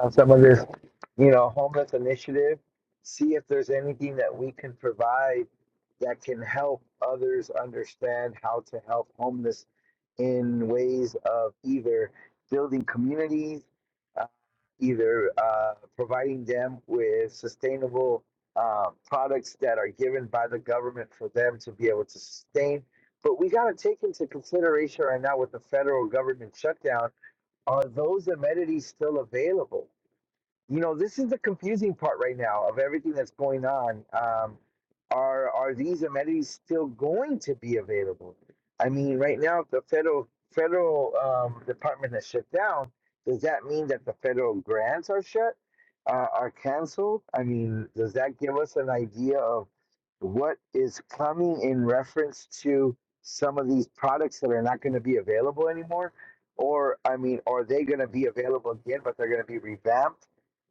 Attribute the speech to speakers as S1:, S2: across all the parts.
S1: on some of this, you know, homeless initiative, see if there's anything that we can provide that can help others understand how to help homeless in ways of either building communities, uh, either uh, providing them with sustainable uh, products that are given by the government for them to be able to sustain. But we got to take into consideration right now with the federal government shutdown are those amenities still available? you know this is the confusing part right now of everything that's going on um, are are these amenities still going to be available i mean right now the federal federal um, department is shut down does that mean that the federal grants are shut uh, are canceled i mean does that give us an idea of what is coming in reference to some of these products that are not going to be available anymore or i mean are they going to be available again but they're going to be revamped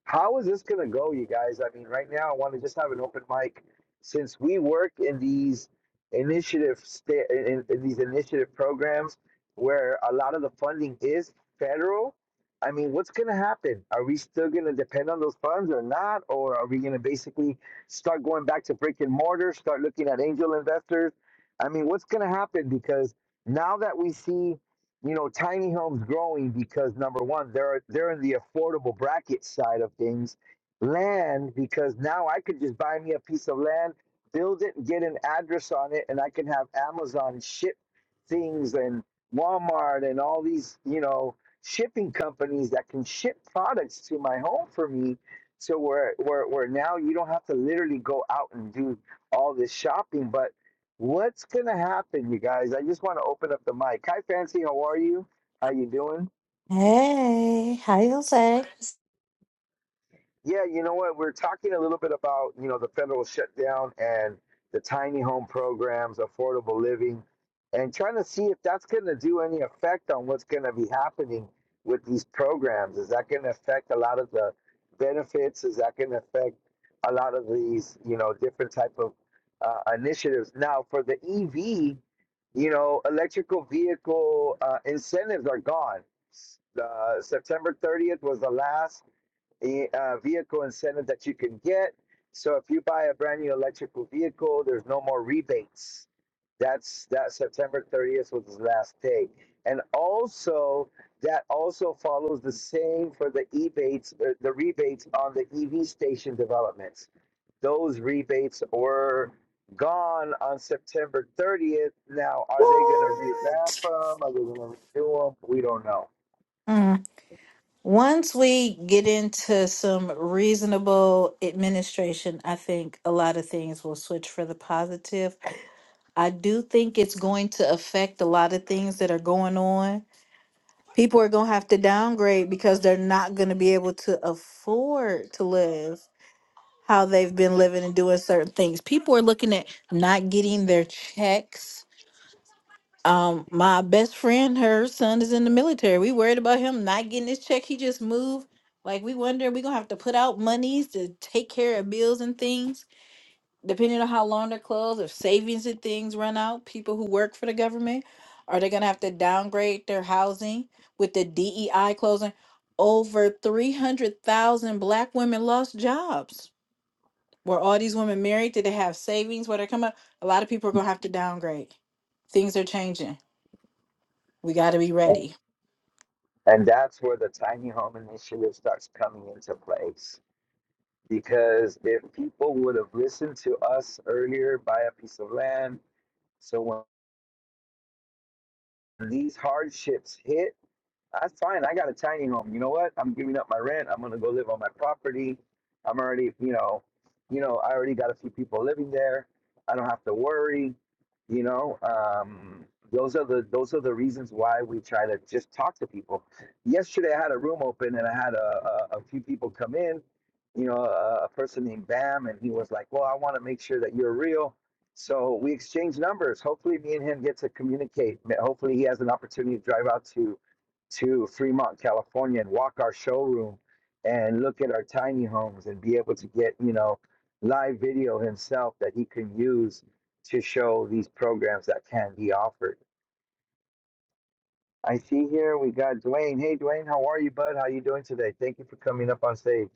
S1: how is this going to go, you guys? I mean, right now, I want to just have an open mic since we work in these initiative sta- in, in these initiative programs where a lot of the funding is federal. I mean, what's going to happen? Are we still going to depend on those funds or not? Or are we going to basically start going back to brick and mortar, start looking at angel investors? I mean, what's going to happen? Because now that we see you know, tiny homes growing because number one, they're they're in the affordable bracket side of things. Land because now I could just buy me a piece of land, build it, get an address on it, and I can have Amazon ship things and Walmart and all these, you know, shipping companies that can ship products to my home for me. So where where where now you don't have to literally go out and do all this shopping, but What's gonna happen, you guys? I just want to open up the mic. Hi, Fancy. How are you? How you doing?
S2: Hey, how you say?
S1: Yeah, you know what? We're talking a little bit about, you know, the federal shutdown and the tiny home programs, affordable living, and trying to see if that's going to do any effect on what's going to be happening with these programs. Is that going to affect a lot of the benefits? Is that going to affect a lot of these, you know, different type of uh, initiatives? Now, for the EV, you know, electrical vehicle uh, incentives are gone. Uh, September 30th was the last i- uh, vehicle incentive that you can get. So if you buy a brand new electrical vehicle, there's no more rebates. That's that September 30th was the last day. And also that also follows the same for the rebates, uh, the rebates on the EV station developments. Those rebates were gone on September 30th. Now, are they going to revamp
S2: What?
S1: them? Are they going to redo them? We don't know.
S2: Mm. Once we get into some reasonable administration, I think a lot of things will switch for the positive. I do think it's going to affect a lot of things that are going on. People are going to have to downgrade because they're not going to be able to afford to live how they've been living and doing certain things. People are looking at not getting their checks Um, my best friend, her son is in the military. We worried about him not getting his check. He just moved. Like we wonder, we gonna have to put out monies to take care of bills and things, depending on how long they're closed. If savings and things run out, people who work for the government, are they gonna have to downgrade their housing with the DEI closing? Over three hundred thousand Black women lost jobs. Were all these women married? Did they have savings? Where they come up? A lot of people are gonna have to downgrade. Things are changing. We got to be ready.
S1: And that's where the tiny home initiative starts coming into place. Because if people would have listened to us earlier, buy a piece of land. So when these hardships hit, that's fine. I got a tiny home. You know what? I'm giving up my rent. I'm gonna go live on my property. I'm already, you know, you know, I already got a few people living there. I don't have to worry. You know, um, those are the those are the reasons why we try to just talk to people. Yesterday, I had a room open and I had a, a, a few people come in. You know, a, a person named Bam, and he was like, "Well, I want to make sure that you're real." So we exchanged numbers. Hopefully, me and him get to communicate. Hopefully, he has an opportunity to drive out to to Fremont, California and walk our showroom and look at our tiny homes and be able to get, you know, live video himself that he can use to show these programs that can be offered. I see here we got Dwayne. Hey Dwayne, how are you, bud? How you doing today? Thank you for coming up on stage.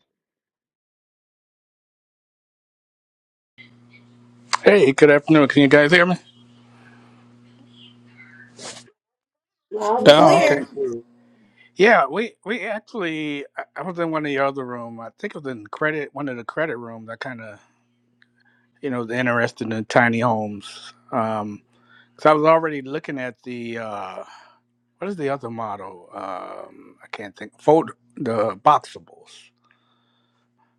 S3: Hey, good afternoon. Can you guys hear me?
S2: Loud and
S3: Oh,
S1: Loud
S3: okay.
S2: clear.
S1: and clear.
S3: Yeah, we we actually I I was in one of the other room. I think it was in credit one of the credit rooms. I kind of you know was interested in tiny homes. Um, so I was already looking at the uh, what is the other model? Um, I can't think. Fold the boxables,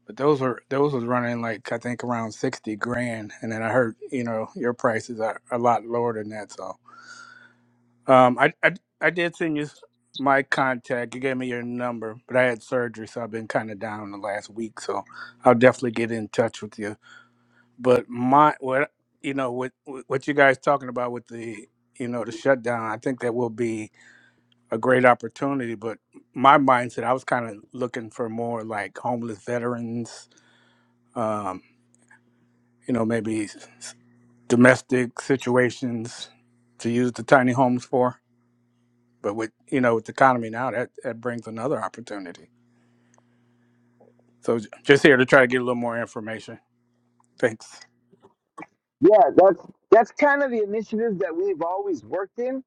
S3: but those are those was running like I think around sixty grand, and then I heard you know your prices are a lot lower than that. So Um, I, I I did send you my contact. You gave me your number, but I had surgery, so I've been kind of down the last week. So I'll definitely get in touch with you. But my what you know what what you guys talking about with the you know the shutdown, I think that will be a great opportunity. But my mindset, I was kind of looking for more like homeless veterans, um, you know, maybe s- domestic situations to use the tiny homes for. But with you know with the economy now, that that brings another opportunity. So j- just here to try to get a little more information. Thanks.
S1: Yeah, that's that's kind of the initiative that we've always worked in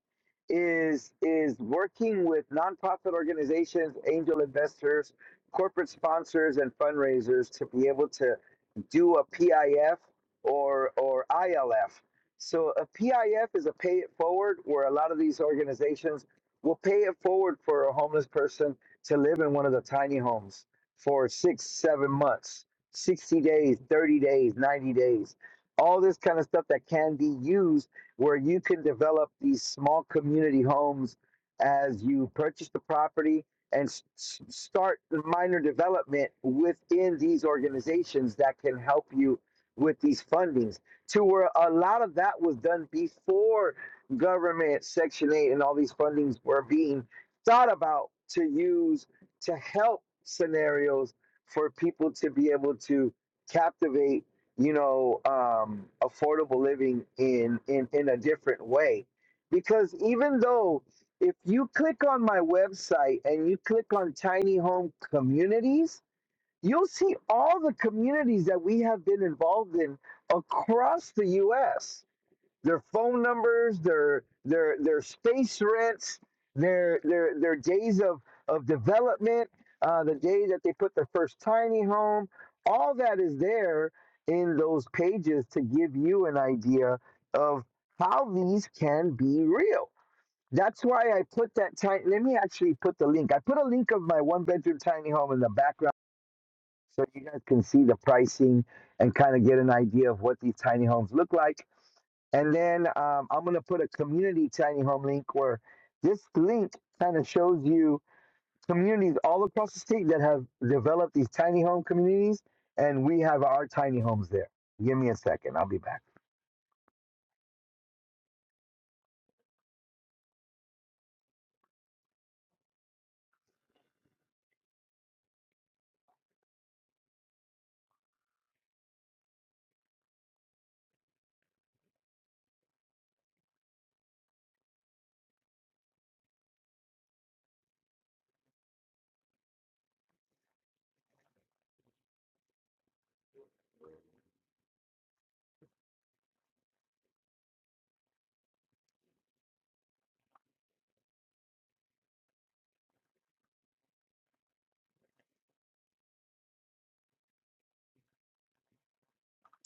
S1: is is working with nonprofit organizations, angel investors, corporate sponsors and fundraisers to be able to do a PIF or or ILF. So a PIF is a pay it forward where a lot of these organizations will pay it forward for a homeless person to live in one of the tiny homes for 6 7 months, 60 days, 30 days, 90 days all this kind of stuff that can be used where you can develop these small community homes as you purchase the property and s- s- start the minor development within these organizations that can help you with these fundings to where a lot of that was done before government section 8 and all these fundings were being thought about to use to help scenarios for people to be able to captivate you know um, affordable living in in in a different way because even though if you click on my website and you click on tiny home communities you'll see all the communities that we have been involved in across the US their phone numbers, their their their space rents, their their their days of of development, uh, the day that they put their first tiny home, all that is there in those pages to give you an idea of how these can be real. That's why I put that tiny. Let me actually put the link. I put a link of my one bedroom tiny home in the background so you guys can see the pricing and kind of get an idea of what these tiny homes look like and then um, I'm going to put a community tiny home link where this link kind of shows you communities all across the state that have developed these tiny home communities. And we have our tiny homes there. Give me a second. I'll be back.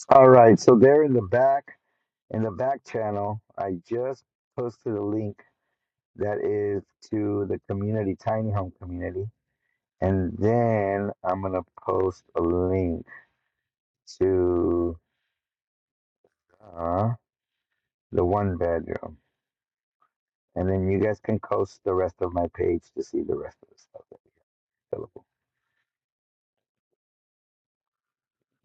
S1: All right. So there in the back, in the back channel, I just posted a link that is to the community, tiny home community. And then I'm going to post a link to uh, the one bedroom. And then you guys can coast the rest of my page to see the rest of the stuff that is available.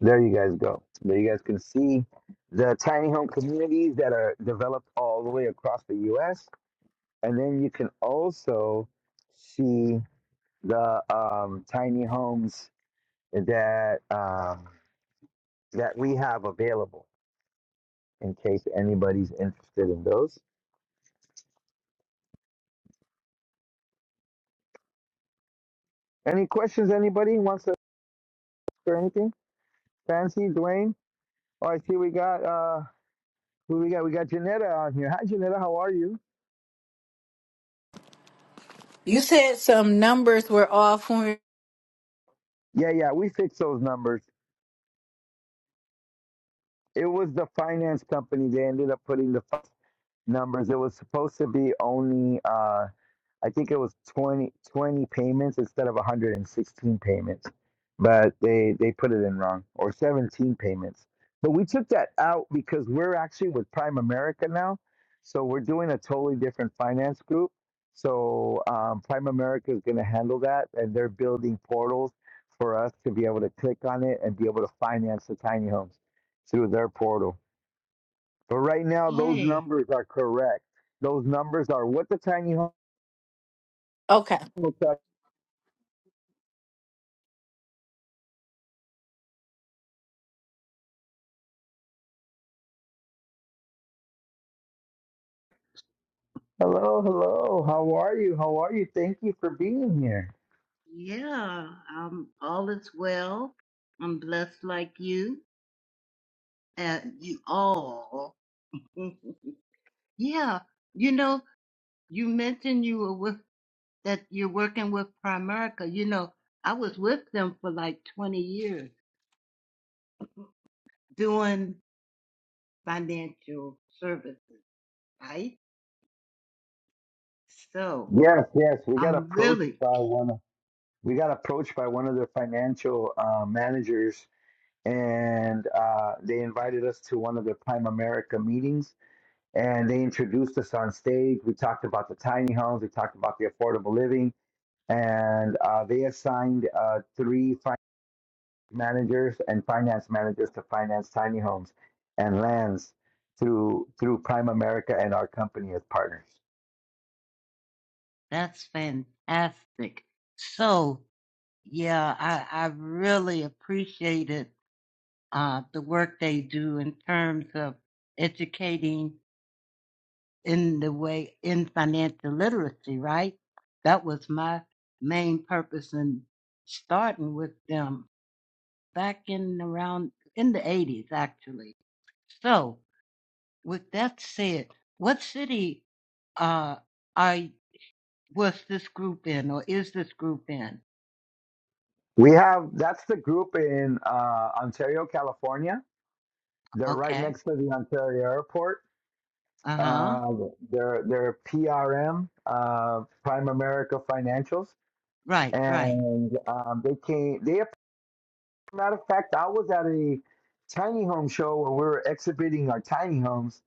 S1: There you guys go. There you guys can see the tiny home communities that are developed all the way across the US. And then you can also see the um, tiny homes that um, that we have available in case anybody's interested in those. Any questions anybody wants to or anything? Fancy, Dwayne? Oh, I see we got uh, Who we got? We got Janetta on here. Hi, Janetta. How are you?
S2: You said some numbers were off when we-
S1: Yeah, yeah. We fixed those numbers. It was the finance company. They ended up putting the f- numbers. It was supposed to be only. uh I think it was 20 20 payments instead of 116 payments, but they they put it in wrong or 17 payments. But we took that out because we're actually with Prime America now, so we're doing a totally different finance group. So um, Prime America is going to handle that, and they're building portals for us to be able to click on it and be able to finance the tiny homes through their portal. But right now, those
S4: Hey,
S1: numbers are correct. Those numbers are what the tiny home
S2: okay.
S1: will tell Hello, hello. How are you? How are you? Thank you for being here.
S4: yeah, um, all is well. I'm blessed like you, and you all. yeah, you know, you mentioned you were with that you're working with Primerica. You know, I was with them for like 20 years doing financial services, right? So
S1: Yes, yes. We got
S4: I'm
S1: approached
S4: really,
S1: by one of we got approached by one of their financial uh, managers, and uh, they invited us to one of their Prime America meetings, and they introduced us on stage. We talked about the tiny homes, we talked about the affordable living, and uh, they assigned uh, three managers and finance managers to finance tiny homes and lands through through Prime America and our company as partners.
S4: that's fantastic. So yeah, I, I really appreciated uh, the work they do in terms of educating in the way in financial literacy, right? That was my main purpose in starting with them back in around in the 80s, actually. So, with that said, what city uh, are was this group in, or is this group in?
S1: We have that's the group in uh, Ontario, California. They're right
S4: Okay.
S1: next to the Ontario airport.
S4: Uh huh.
S1: Uh, they're they're PRM, uh, Prime America Financials,
S4: Right. Right.
S1: and um, they came. They Matter of fact, I was at a tiny home show where we were exhibiting our tiny homes.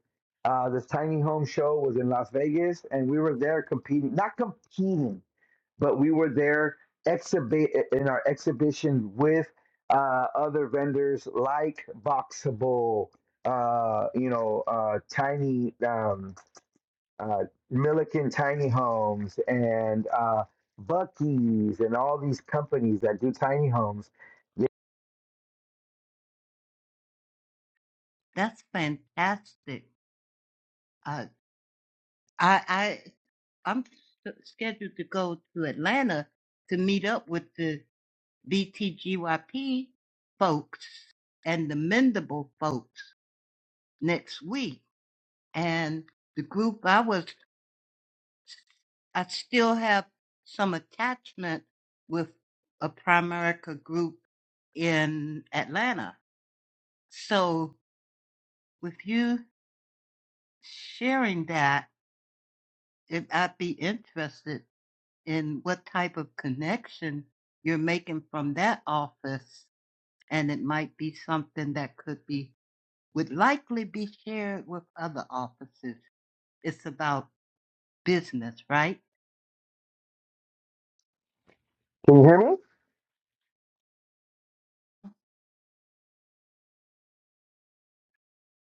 S1: Uh, this tiny home show was in Las Vegas, and we were there competing, not competing, but we were there exhibit in our exhibition with uh, other vendors like Boxable, uh, you know, uh, Tiny um, uh, Milliken Tiny Homes, and uh, Bucky's, and all these companies that do tiny homes.
S4: That's fantastic. Uh, I, I I'm s- scheduled to go to Atlanta to meet up with the BTGYP folks and the Mendable folks next week. And the group I was, I still have some attachment with a Primerica group in Atlanta. So with you sharing that, if I'd be interested in what type of connection you're making from that office and it might be something that could be would likely be shared with other offices. It's about business, right?
S1: Can you hear me?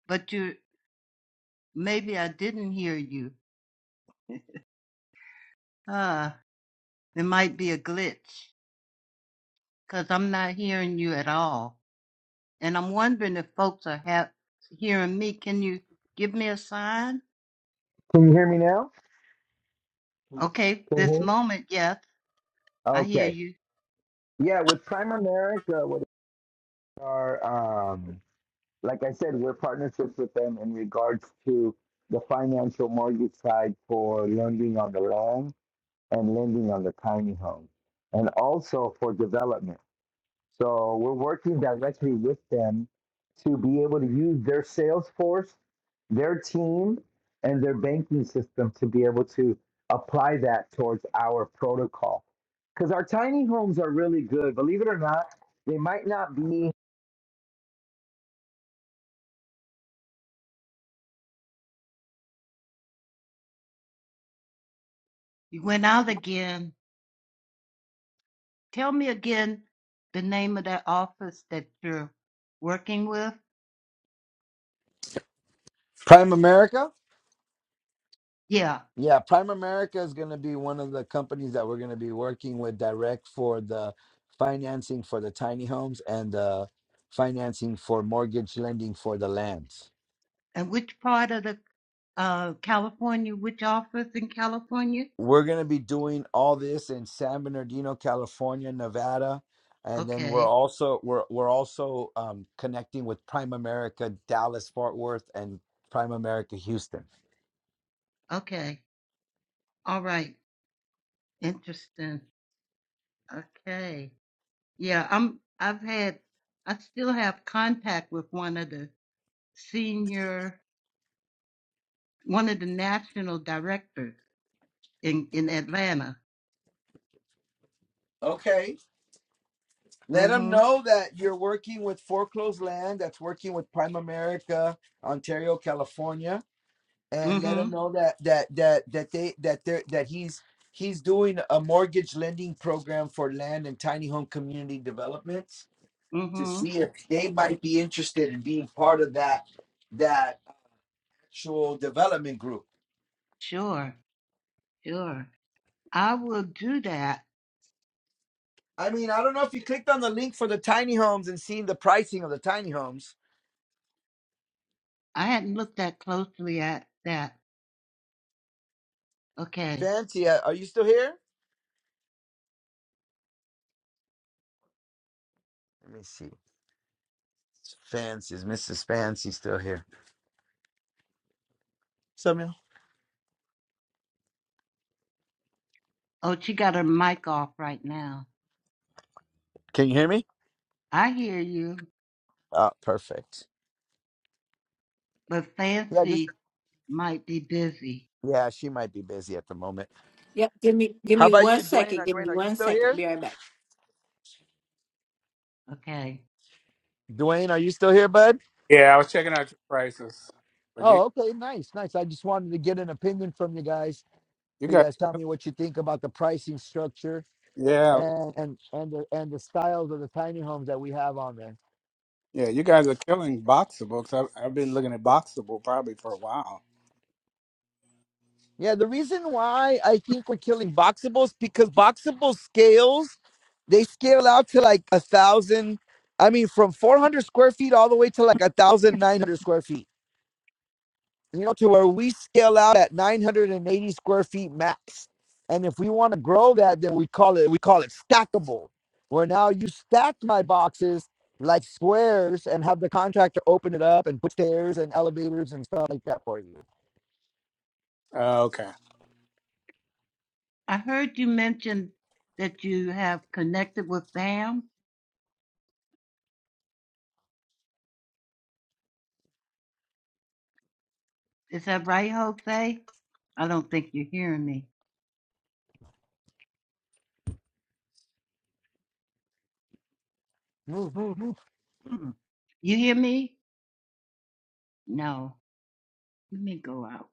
S4: But you maybe I didn't hear you. Uh, there might be a glitch because I'm not hearing you at all, and I'm wondering if folks are ha- hearing me. Can you give me a sign?
S1: Can you hear me now?
S4: Okay,
S1: Can you
S4: this
S1: hear me?
S4: moment, yes, I hear
S1: Okay.
S4: you.
S1: Yeah, with Prime America, what are um like I said, we're partnerships with them in regards to the financial mortgage side for lending on the land and lending on the tiny home, and also for development. So we're working directly with them to be able to use their sales force, their team, and their banking system to be able to apply that towards our protocol. Because our tiny homes are really good, believe it or not. They might not be
S4: You went out again. Tell me again the name of that office that you're working with.
S1: Prime America?
S4: Yeah,
S1: Yeah, Prime America is going to be one of the companies that we're going to be working with direct for the financing for the tiny homes and the financing for mortgage lending for the land.
S4: And which part of the uh California? Which office in California?
S1: we're going to be doing all this in San Bernardino, California, Nevada, and then we're
S4: Okay.
S1: also we're we're also um, connecting with Prime America Dallas Fort Worth and Prime America Houston.
S4: Okay. All right. Interesting. Okay. Yeah, I'm I've had I still have contact with one of the senior one of the national directors in in Atlanta.
S1: Okay. Let them
S4: Mhm.
S1: know that you're working with foreclosed land that's working with Prime America, Ontario, California, and let them
S4: Mhm.
S1: know that that that that they that they that he's he's doing a mortgage lending program for land and tiny home community developments to
S4: Mhm.
S1: see if they might be interested in being part of that that actual development group.
S4: Sure. Sure. I will do that.
S1: I mean, I don't know if you clicked on the link for the tiny homes and seen the pricing of the tiny homes.
S4: I hadn't looked that closely at that. Okay.
S1: Fancy, uh, are you still here? Let me see. Fancy, is Mrs. Fancy still here? Samuel,
S4: Oh, she got her mic off right now.
S1: can you hear me?
S4: I hear you,
S1: Oh, perfect.
S4: but
S1: Yeah, just
S4: Fancy might be busy.
S1: yeah, she might be busy at the moment.
S2: Yep. Give me give
S1: How
S2: me
S1: about
S2: one
S1: you, Dwayne?
S2: second.
S1: Uh,
S2: Give
S1: Dwayne,
S2: me
S1: are you
S2: one
S1: still
S2: second.
S1: here?
S2: Be right back.
S4: Okay.
S1: Dwayne, are you still here, bud?
S3: Yeah, I was checking out your prices, but you
S1: Oh, okay, nice, nice. I just wanted to get an opinion from you guys.
S3: you
S1: So you
S3: got
S1: guys tell me what you think about the pricing structure
S3: yeah
S1: and and and the and the styles of the tiny homes that we have on there.
S3: yeah you guys are killing Boxable because I've, I've been looking at Boxable probably for a while.
S1: Yeah, the reason why I think we're killing boxables because boxable scales, they scale out to like a thousand. I mean, from four hundred square feet all the way to like a thousand nine hundred square feet you know, to where we scale out at 980 square feet max. And if we want to grow that, then we call it we call it stackable, where now you stack my boxes like squares and have the contractor open it up and put stairs and elevators and stuff like that for you.
S3: Uh, okay.
S4: I heard you mention that you have connected with Bam. Is that right, Jose? I don't think you're hearing me.
S1: Move, move, move.
S4: Mm. You hear me? No. Let me go out.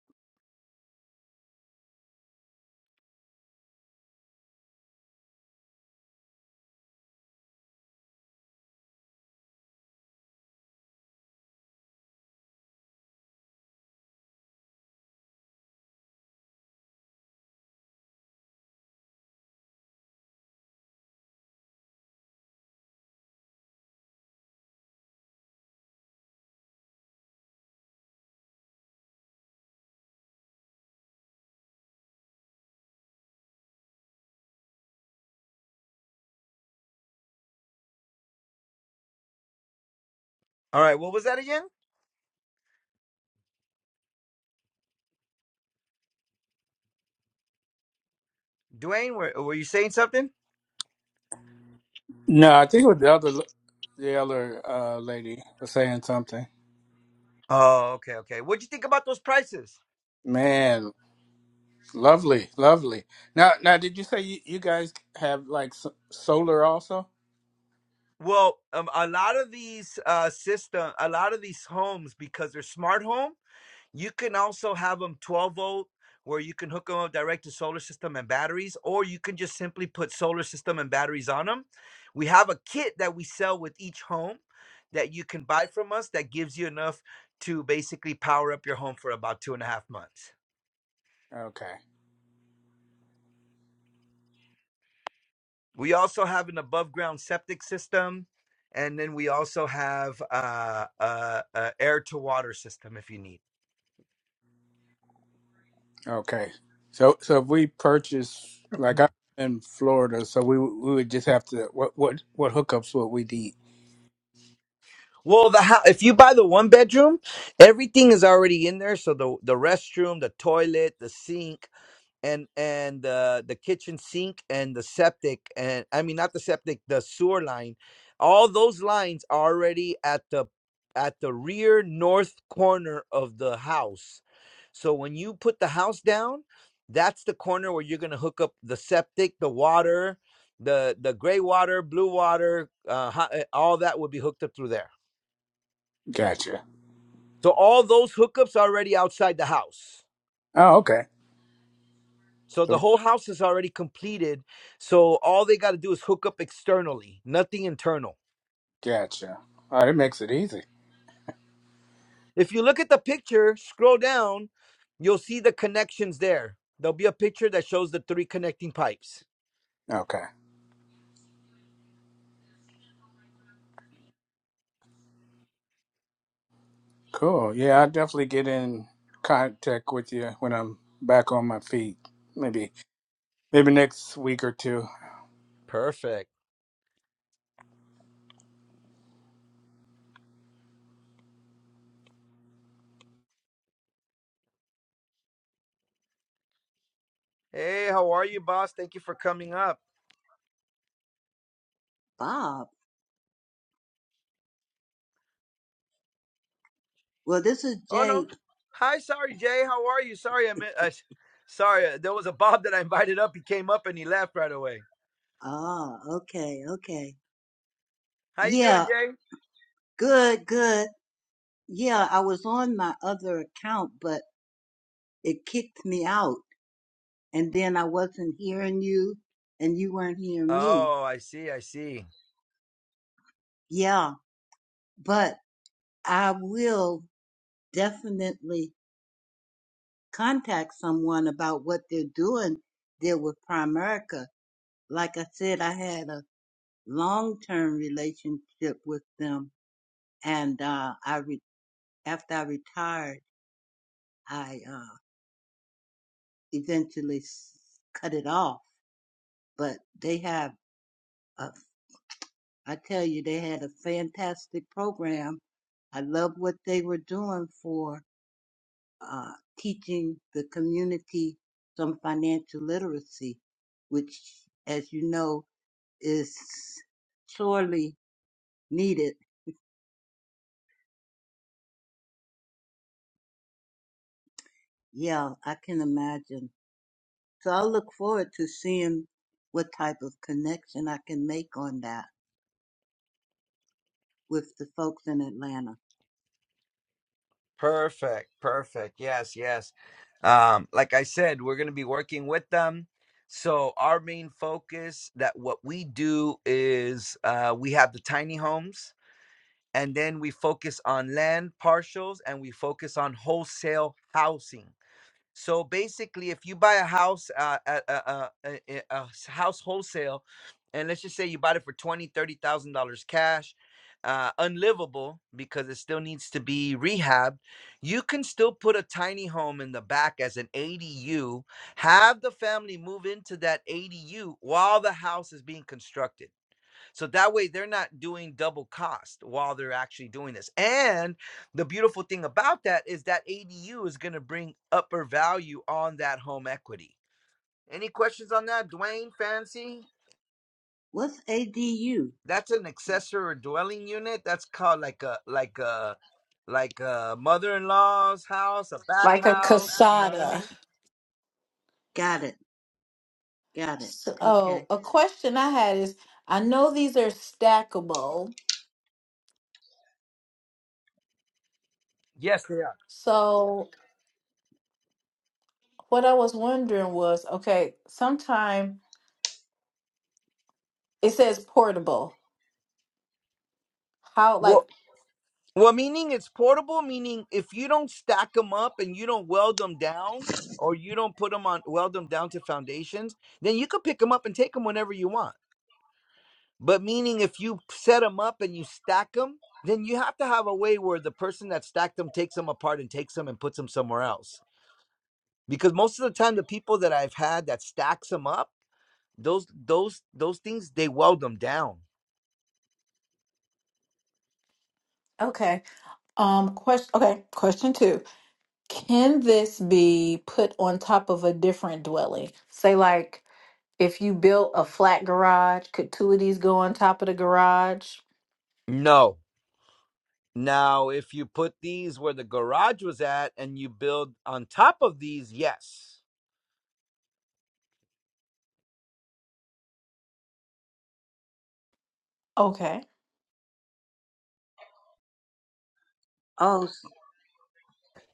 S1: All right, what was that again, Dwayne? Were, were you saying something?
S3: No, I think it the other l- the other uh, lady was saying something.
S1: Oh, okay, okay. What'd you think about those prices?
S3: Man, lovely, lovely. Now now did you say you, you guys have like s- solar also?
S1: Well, um, a lot of these uh, system, a lot of these homes, because they're smart home. You can also have them 12 volt, where you can hook them up direct to solar system and batteries, or you can just simply put solar system and batteries on them. We have a kit that we sell with each home that you can buy from us that gives you enough to basically power up your home for about two and a half months.
S3: Okay.
S1: We also have an above ground septic system, and then we also have uh, a, a air to water system if you need.
S3: Okay. So so if we purchase like I'm in Florida, so we we would just have to what what what hookups would we need?
S1: Well, the house, if you buy the one bedroom, everything is already in there. So the the restroom, the toilet, the sink, and and uh, the kitchen sink and the septic, and I mean not the septic, the sewer line, all those lines are already at the at the rear north corner of the house. So when you put the house down, that's the corner where you're gonna hook up the septic, the water, the the gray water, blue water, uh, hot, all that would be hooked up through there.
S3: Gotcha.
S1: So all those hookups are already outside the house.
S3: Oh, okay.
S1: So the
S3: So
S1: whole house is already completed. So all they got to do is hook up externally, nothing internal.
S3: gotcha. Oh, that makes it easy.
S1: If you look at the picture, scroll down, you'll see the connections there. There'll be a picture that shows the three connecting pipes.
S3: Okay. Cool. Yeah, I'll definitely get in contact with you when I'm back on my feet. Maybe maybe next week or two.
S1: Perfect. Hey, how are you, boss? Thank you for coming up.
S5: Bob. Well, this is
S1: Oh no.
S5: Jake.
S1: Hi, sorry, Jay. How are you? Sorry, I meant. Uh, sorry, uh, there was a Bob that I invited up. He came up and he left right away.
S5: Ah, okay, okay.
S1: How you doing,
S5: Yeah,
S1: Jay?
S5: good, good. Yeah, I was on my other account, but it kicked me out. And then I wasn't hearing you and you weren't hearing me.
S1: Oh, I see. I see.
S5: Yeah, but I will definitely contact someone about what they're doing there with Primerica. Like I said, I had a long-term relationship with them and, uh, I re- after I retired. I uh, eventually s- cut it off, but they have, a, I tell you, they had a fantastic program. I love what they were doing for uh, teaching the community some financial literacy, which, as you know, is sorely needed. Yeah, I can imagine. So I'll look forward to seeing what type of connection I can make on that with the folks in Atlanta.
S1: Perfect, perfect. Yes, yes. Um, like I said, we're going to be working with them. So our main focus that what we do is uh, we have the tiny homes, and then we focus on land partials, and we focus on wholesale housing. So basically, if you buy a house uh, at a, a, a, a a s- house wholesale, and let's just say you bought it for twenty, thirty thousand dollars cash, uh, unlivable because it still needs to be rehabbed, you can still put a tiny home in the back as an ADU. Have the family move into that ADU while the house is being constructed. So that way they're not doing double cost while they're actually doing this. And the beautiful thing about that is that ADU is going to bring upper value on that home equity. Any questions on that, Dwayne Fancy?
S5: What's ADU?
S1: That's an accessory dwelling unit. That's called like a like a like a mother-in-law's house, a back
S2: Like a
S1: house.
S2: casada.
S5: Got it. Got it.
S2: So
S5: Okay.
S2: a question I had is I know these are stackable.
S1: Yes, they are.
S2: So what I was wondering was, okay, sometime it says portable. How
S1: Well,
S2: like
S1: Well, meaning it's portable, meaning if you don't stack them up and you don't weld them down or you don't put them on, weld them down to foundations, then you could pick them up and take them whenever you want. But meaning if you set them up and you stack them, then you have to have a way where the person that stacked them takes them apart and takes them and puts them somewhere else. Because most of the time, the people that I've had that stacks them up, those those those things they weld them down.
S2: okay. Um question okay, question two. Can this be put on top of a different dwelling? Say, like, if you built a flat garage, could two of these go on top of the garage?
S1: No. Now, if you put these where the garage was at and you build on top of these, yes.
S2: Okay.
S5: Oh, s-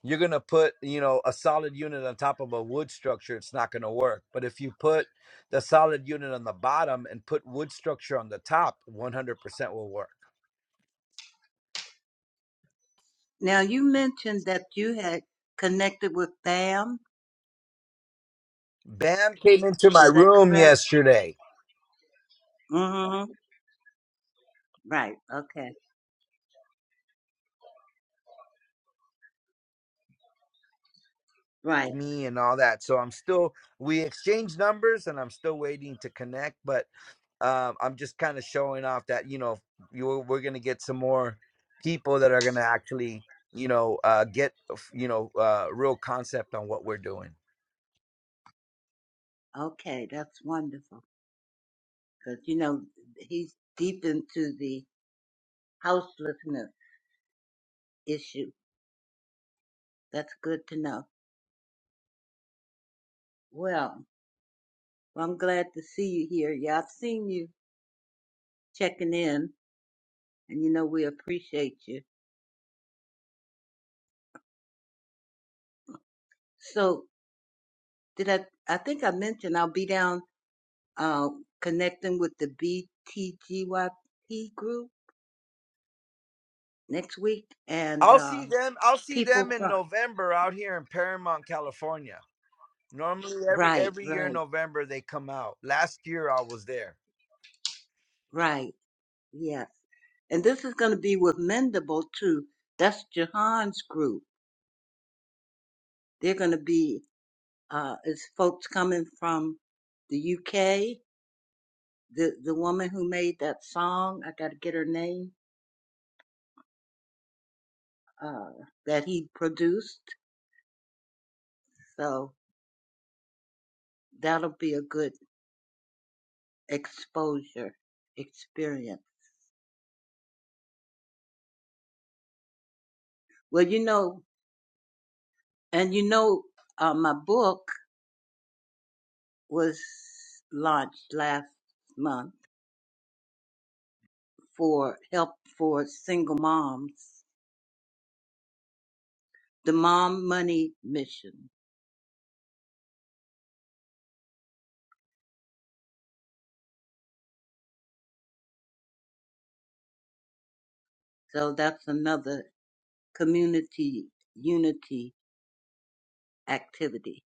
S1: You're going to put, you know, a solid unit on top of a wood structure, it's not going to work. But if you put the solid unit on the bottom and put wood structure on the top, 100% will work.
S5: now you mentioned that you had connected with BAM.
S1: Bam came into my
S5: Is that
S1: room
S5: correct?
S1: yesterday,
S5: Mm-hmm. Right. Okay. Right.
S1: me and all that. So I'm still we exchanged numbers and I'm still waiting to connect, but um, I'm just kind of showing off that you know you we're gonna get some more people that are gonna actually you know uh, get you know uh, real concept on what we're doing.
S5: Okay. That's wonderful. Because, you know, he's deep into the houselessness issue. That's good to know. Well, I'm glad to see you here. Yeah, I've seen you checking in, and, you know, we appreciate you. So, did I? I think I mentioned I'll be down. uh, connecting with the BTGYP group next week and
S1: I'll see
S5: um,
S1: them. I'll see them
S5: people
S1: in
S5: from.
S1: November out here in Paramount, California. Normally, every
S5: Right,
S1: every year in
S5: right,
S1: November they come out. Last year I was there
S5: right. Yes. And this is going to be with Mendable too. That's Jahan's group. They're going to be, uh, it's folks coming from the UK. The, the woman who made that song, I got to get her name, uh, that he produced. So that'll be a good exposure experience. Well, you know, And you know, uh, my book was launched last month for help for single moms, the Mom Money Mission. So that's another community unity activity.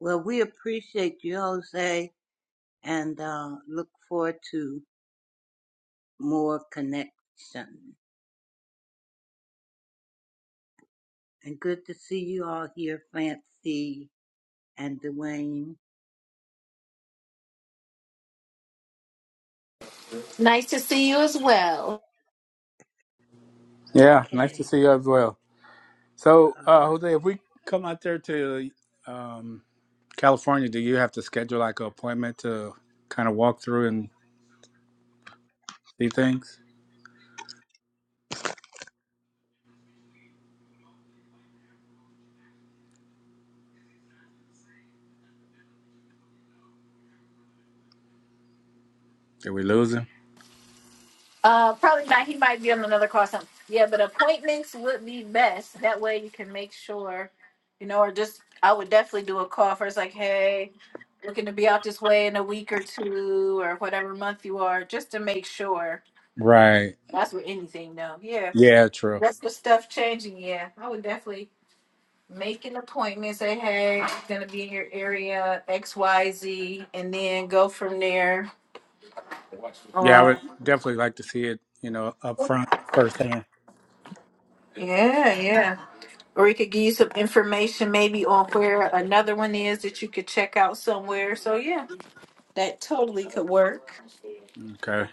S5: Well, we appreciate you, Jose, and uh, look forward to more connection. And good to see you all here, Fancy and Dwayne.
S2: Nice to see you as well.
S3: Yeah, nice to
S5: Okay.
S3: see you as well. So,
S5: All
S3: uh,
S5: right.
S3: Jose, if we come out there to um, California, do you have to schedule like an appointment to kind of walk through and see things? Did we lose him?
S2: Uh, probably not. He might be on another call or something. Yeah, but appointments would be best. That way you can make sure, you know, or just I would definitely do a call first, like, hey, looking to be out this way in a week or two or whatever month you are, just to make sure.
S3: Right.
S2: That's with anything, though. Yeah.
S3: Yeah, true.
S2: That's the stuff changing, yeah. I would definitely make an appointment, say, hey, I'm gonna be in your area, X, Y, Z, and then go from there.
S3: Yeah, I
S2: Uh,
S3: would definitely like to see it, you know, up front firsthand.
S2: yeah, yeah. Or he could give you some information maybe on where another one is that you could check out somewhere. So yeah, that totally could work.
S3: Okay.